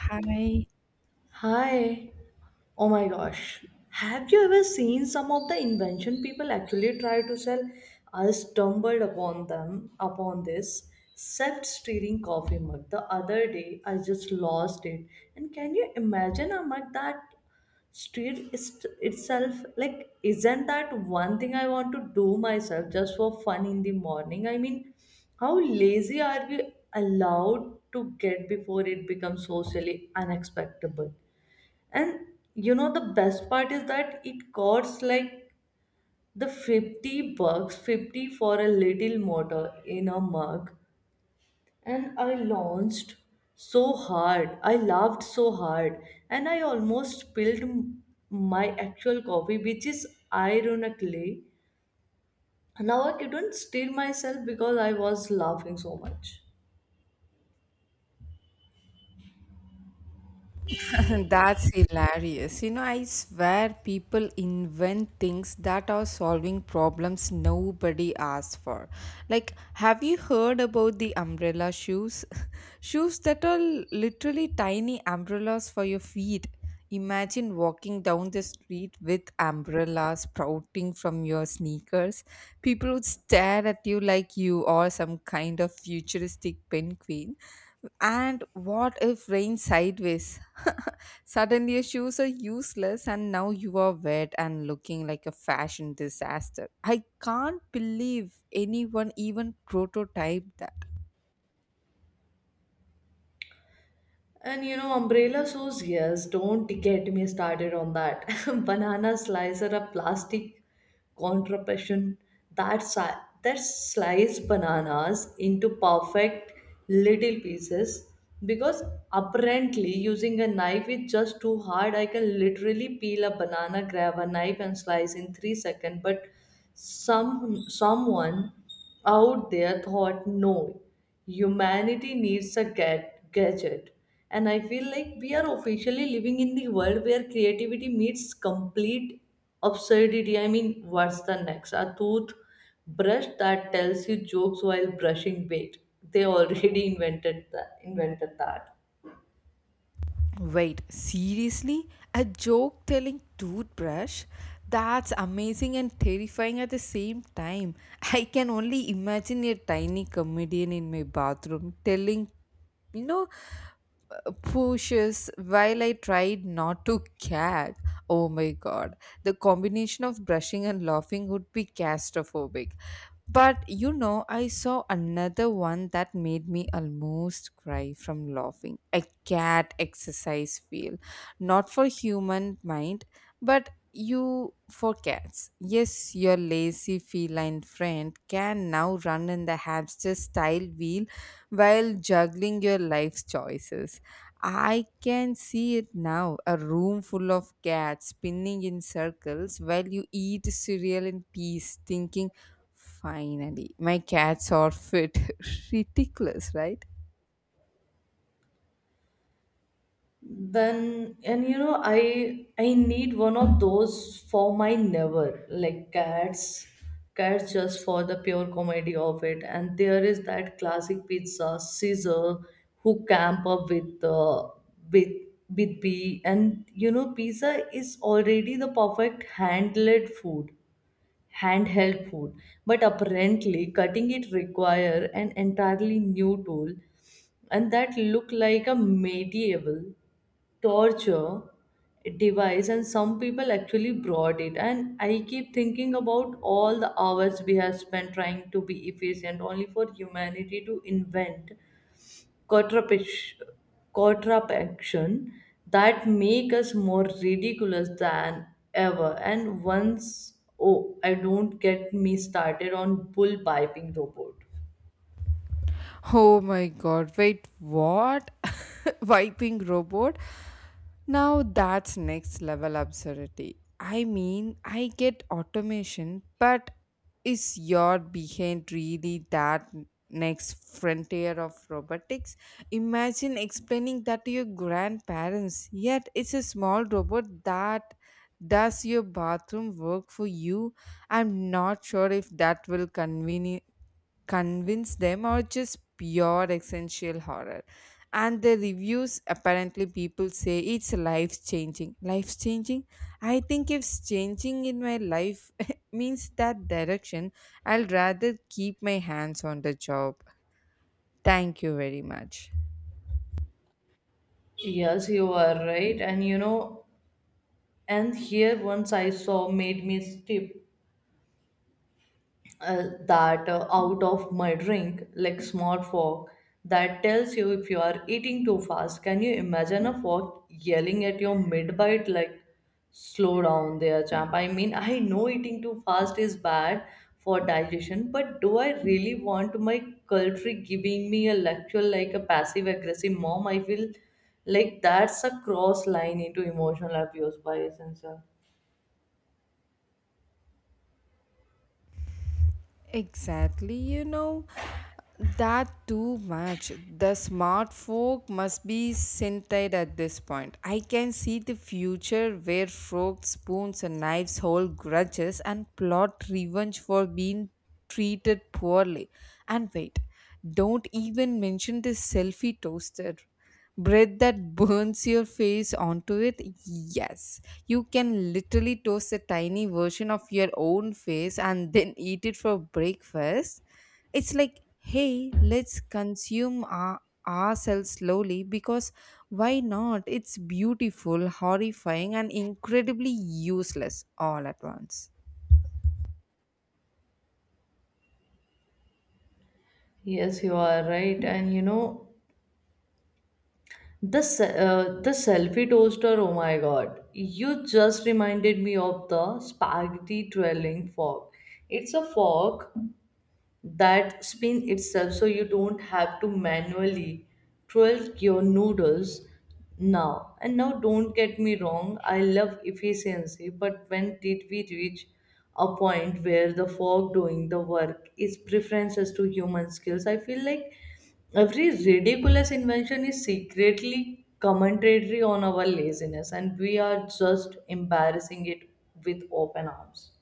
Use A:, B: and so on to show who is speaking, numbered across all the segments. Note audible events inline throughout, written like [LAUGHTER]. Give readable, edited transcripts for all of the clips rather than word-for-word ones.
A: Hi,
B: Hi. Oh my gosh. Have you ever seen some of the invention people actually try to sell? I stumbled upon this self-steering coffee mug the other day. I just lost it. And can you imagine a mug that steered is itself? Like, isn't that one thing I want to do myself just for fun in the morning? I mean, how lazy are we allowed to get before it becomes socially unacceptable? And you know the best part is that it costs like the 50 bucks, 50 for a little motor in a mug. And I launched so hard. I laughed so hard. And I almost my actual coffee, which is ironically. Now I couldn't steal myself because I was laughing so much.
A: [LAUGHS] that's hilarious. You know, I swear people invent things that are solving problems nobody asked for. Like, have you heard about the umbrella shoes? [LAUGHS] Shoes that are literally tiny umbrellas for your feet. Imagine walking down the street with umbrellas sprouting from your sneakers. People would stare at you like you are some kind of futuristic penguin. And what if rain sideways? [LAUGHS] Suddenly your shoes are useless and now you are wet and looking like a fashion disaster. I can't believe anyone even prototyped that.
B: And you know, umbrella sauce, yes, don't get me started on that. [LAUGHS] Banana slicer, a plastic contraption that slice bananas into perfect little pieces because apparently using a knife is just too hard. I can literally peel a banana, grab a knife, and slice in 3 seconds, but some someone out there thought no humanity needs a gadget, and I feel like we are officially living in the world where creativity meets complete absurdity. I mean, what's the next, a toothbrush that tells you jokes while brushing bait? They already [LAUGHS] invented that.
A: Wait, seriously? A joke telling toothbrush? That's amazing and terrifying at the same time. I can only imagine a tiny comedian in my bathroom telling, you know, pushes while I tried not to gag. Oh my god. The combination of brushing and laughing would be claustrophobic. But you know, I saw another one that made me almost cry from laughing. A cat exercise feel. Not for human mind, but you for cats. Yes, your lazy feline friend can now run in the hamster style wheel while juggling your life's choices. I can see it now, a room full of cats spinning in circles while you eat cereal in peace, thinking, finally, my cats are fit. [LAUGHS] Ridiculous, right?
B: Then and you know, I need one of those for my never like cats, cats just for the pure comedy of it. And there is that classic pizza caesar who camp up with with with b. And you know, pizza is already the perfect handled food handheld food, but apparently cutting it require an entirely new tool, and that look like a medieval torture device. And some people actually brought it. And I keep thinking about all the hours we have spent trying to be efficient only for humanity to invent quadrupish- quadruplexion that make us more ridiculous than ever. And once, oh, I don't, get me started on bull piping robot.
A: Oh my god, wait, what? [LAUGHS] Wiping robot? Now that's next level absurdity. I mean, I get automation, but is your behind really that next frontier of robotics? Imagine explaining that to your grandparents, yet it's a small robot that does your bathroom work for you. I'm not sure if that will convince them or just pure essential horror. And the reviews, apparently people say it's life changing, life changing. I think if changing in my life [LAUGHS] means that direction, I'll rather keep my hands on the job, thank you very much.
B: Yes, you are right. And you know, and here once I saw made me stiff that out of my drink, like smart fork that tells you if you are eating too fast. Can you imagine a fork yelling at your mid bite like slow down there champ? I mean, I know eating too fast is bad for digestion, but do I really want my culture giving me a lecture like a passive aggressive mom? I feel like that's a cross line into emotional abuse by essence.
A: Exactly, you know. That too much. The smart folk must be scented at this point. I can see the future where forks, spoons, and knives hold grudges and plot revenge for being treated poorly. And wait, don't even mention the selfie toaster. Bread that burns your face onto it? Yes. You can literally toast a tiny version of your own face and then eat it for breakfast. It's like, hey, let's consume ourselves slowly because why not? It's beautiful, horrifying, and incredibly useless all at once.
B: Yes, you are right. And you know, the selfie toaster, oh my god. You just reminded me of the spaghetti twirling fork. It's a fork that spin itself so you don't have to manually twerk your noodles now. And now, don't get me wrong, I love efficiency, but when did we reach a point where the fork doing the work is preferences to human skills? I feel like every ridiculous invention is secretly commentary on our laziness, and we are just embarrassing it with open arms.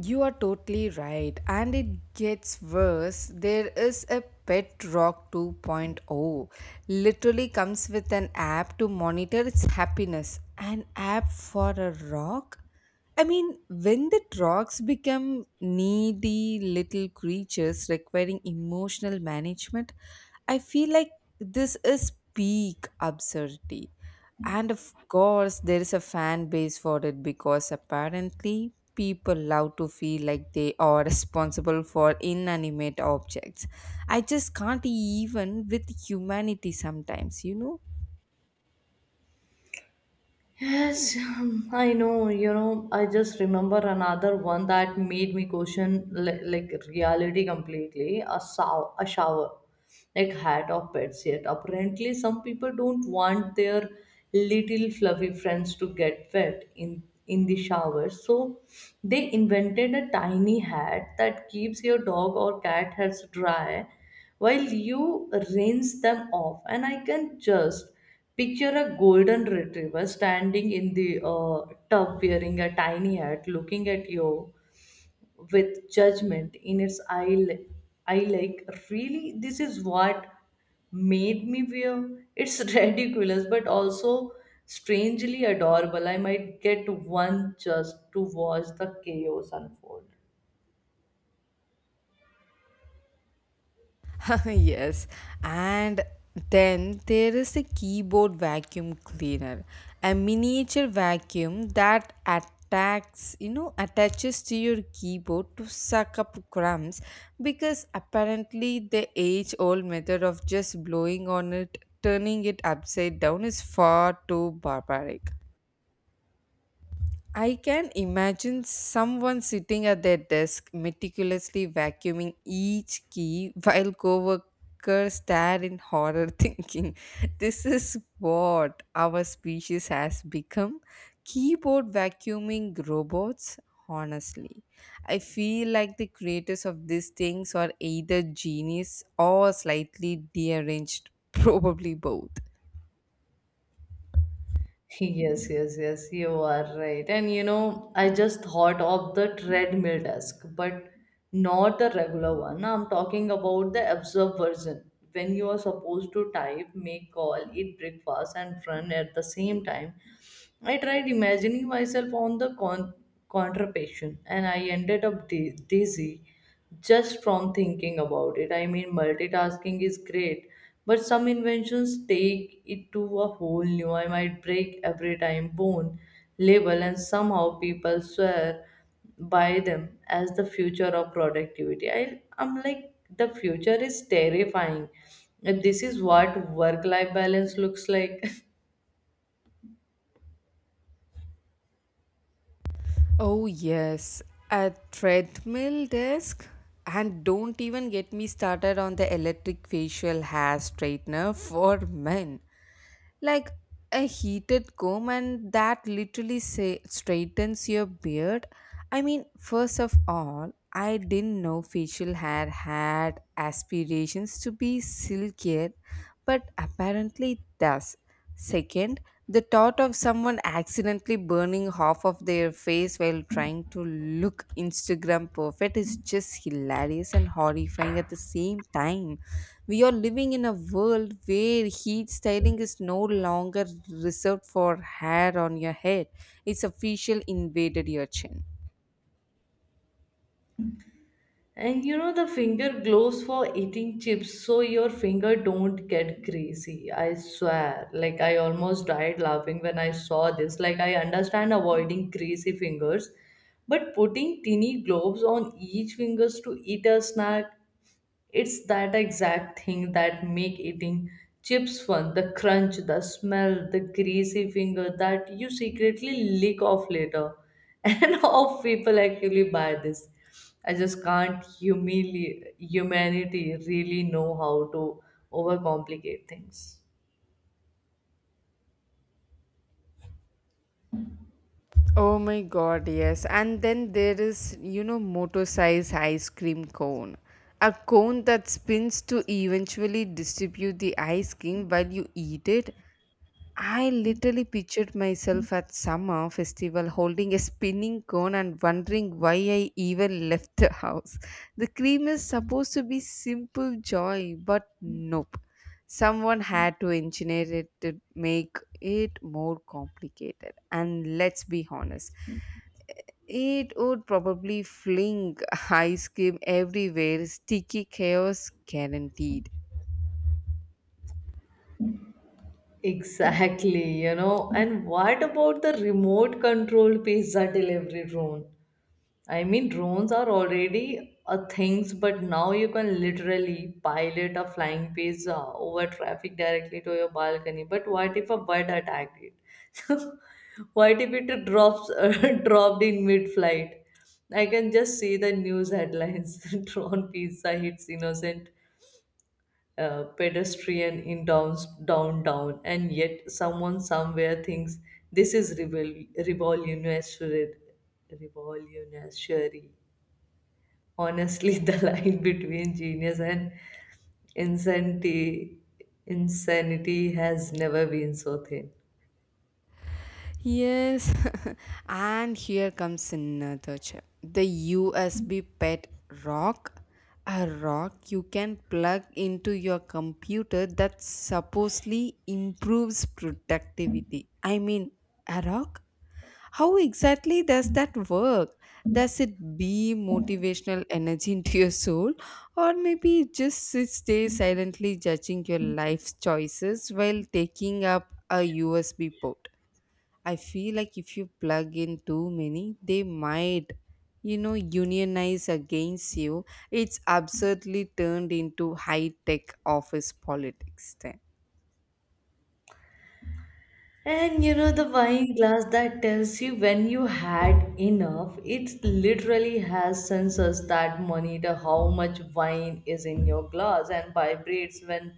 A: You are totally right, and it gets worse. There is a Pet Rock 2.0, literally comes with an app to monitor its happiness. An app for a rock? I mean, when the rocks become needy little creatures requiring emotional management, I feel like this is peak absurdity. And of course, there is a fan base for it because apparently people love to feel like they are [LAUGHS] responsible for inanimate objects. I just can't even with humanity sometimes, you know?
B: Yes, I know. You know, I just remember another one that made me question like reality completely. A sow a shower, like hat of pets. Yet apparently, some people don't want their little fluffy friends to get wet in the shower. So they invented a tiny hat that keeps your dog or cat heads dry while you rinse them off. And I can just picture a golden retriever standing in the tub wearing a tiny hat, looking at you with judgment in its eye. Li- I Like, really, this is what made me wear. It's [LAUGHS] ridiculous, but also strangely adorable. I might get one just to watch the chaos unfold.
A: [LAUGHS] Yes, and then there is a keyboard vacuum cleaner, a miniature vacuum that attacks, you know, attaches to your keyboard to suck up crumbs because apparently the age old method of just blowing on it, turning it upside down is far too barbaric. I can imagine someone sitting at their desk meticulously vacuuming each key while coworkers stare in horror, [LAUGHS] thinking this is what our species has become. Keyboard vacuuming robots. Honestly, I feel like the creators of these things are either genius or slightly deranged, [LAUGHS] probably both.
B: Yes, yes, yes, you are right. And you know, I just thought of the treadmill desk, but not the regular one. I'm talking about the absurd version. When you are supposed to type, make call, eat breakfast, and run at the same time. I tried imagining myself on the contraption and I ended up dizzy just from thinking about it. I mean, multitasking is great, but some inventions take it to a whole new. I might break every time bone label, and somehow people swear by them as the future of productivity. I'm like, the future is terrifying if this is what work life balance looks like. [LAUGHS]
A: Oh, yes, a treadmill desk. And don't even get me started on the electric facial hair straightener [LAUGHS] for men. Like a heated comb, and that literally say, straightens your beard. I mean, first of all, I didn't know facial hair had aspirations to be silkier, but apparently it does. Second, the thought of someone accidentally burning half of their face while trying to look Instagram perfect is just hilarious and horrifying at the same time. We are living in a world where heat styling is no longer reserved for hair on your head, it's official invaded your chin.
B: And you know the finger gloves for eating chips so your finger don't get greasy. I swear. Like I almost died laughing when I saw this. Like I understand avoiding greasy fingers, but putting teeny gloves on each fingers to eat a snack, it's that exact thing that make eating chips fun. The crunch, the smell, the greasy finger that you secretly lick off later. [LAUGHS] And how people actually buy this. I just can't, humanity really know how to overcomplicate things.
A: Oh my god, yes. And then there is, you know, motor size ice cream cone. A cone that spins to eventually distribute the ice cream while you eat it. I literally pictured myself at summer festival holding a spinning cone and wondering why I even left the house. The cream is supposed to be simple joy, but nope. Someone had to engineer it to make it more complicated. And let's be honest, it would probably fling [LAUGHS] ice cream everywhere, sticky chaos guaranteed.
B: Exactly, you know. And what about the remote control pizza delivery drone? I mean, drones are already a things, but now you can literally pilot a flying pizza over traffic directly to your balcony. But what if a bird attacked it? [LAUGHS] What if it drops [LAUGHS] dropped in mid-flight? I can just see the news headlines: [LAUGHS] drone pizza hits innocent pedestrian in downtown, and yet someone somewhere thinks this is revolutionary. Honestly, [LAUGHS] the line between genius and insanity insanity has never been so thin.
A: Yes, [LAUGHS] and here comes another chip, the USB pet rock. A rock you can plug into your computer that supposedly improves productivity. I mean, a rock? How exactly does that work? Does it be motivational energy into your soul? Or maybe it just sits there silently judging your life's choices while taking up a USB port? I feel like if you plug in too many, they might, you know, unionize against you. It's absurdly turned into high tech office politics then.
B: And you know the wine glass that tells you when you had enough, it literally has sensors that monitor how much wine is in your glass and vibrates when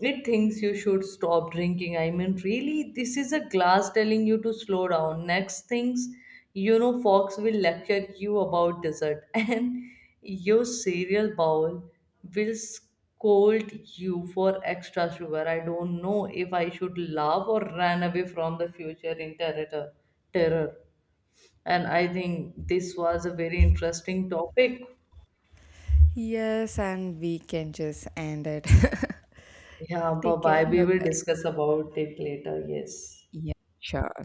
B: it thinks you should stop drinking. I mean, really, this is a glass telling you to slow down. Next things, you know, Fox will lecture you about dessert. [LAUGHS] And your cereal bowl will scold you for extra sugar. I don't know if I should laugh or run away from the future in terror. And I think this was a very interesting topic.
A: Yes, and we can just end it.
B: Yeah,
A: [LAUGHS]
B: bye
A: Take
B: bye.
A: care.
B: We
A: Bye
B: will
A: bye.
B: discuss about it later. Yes.
A: Yeah, sure.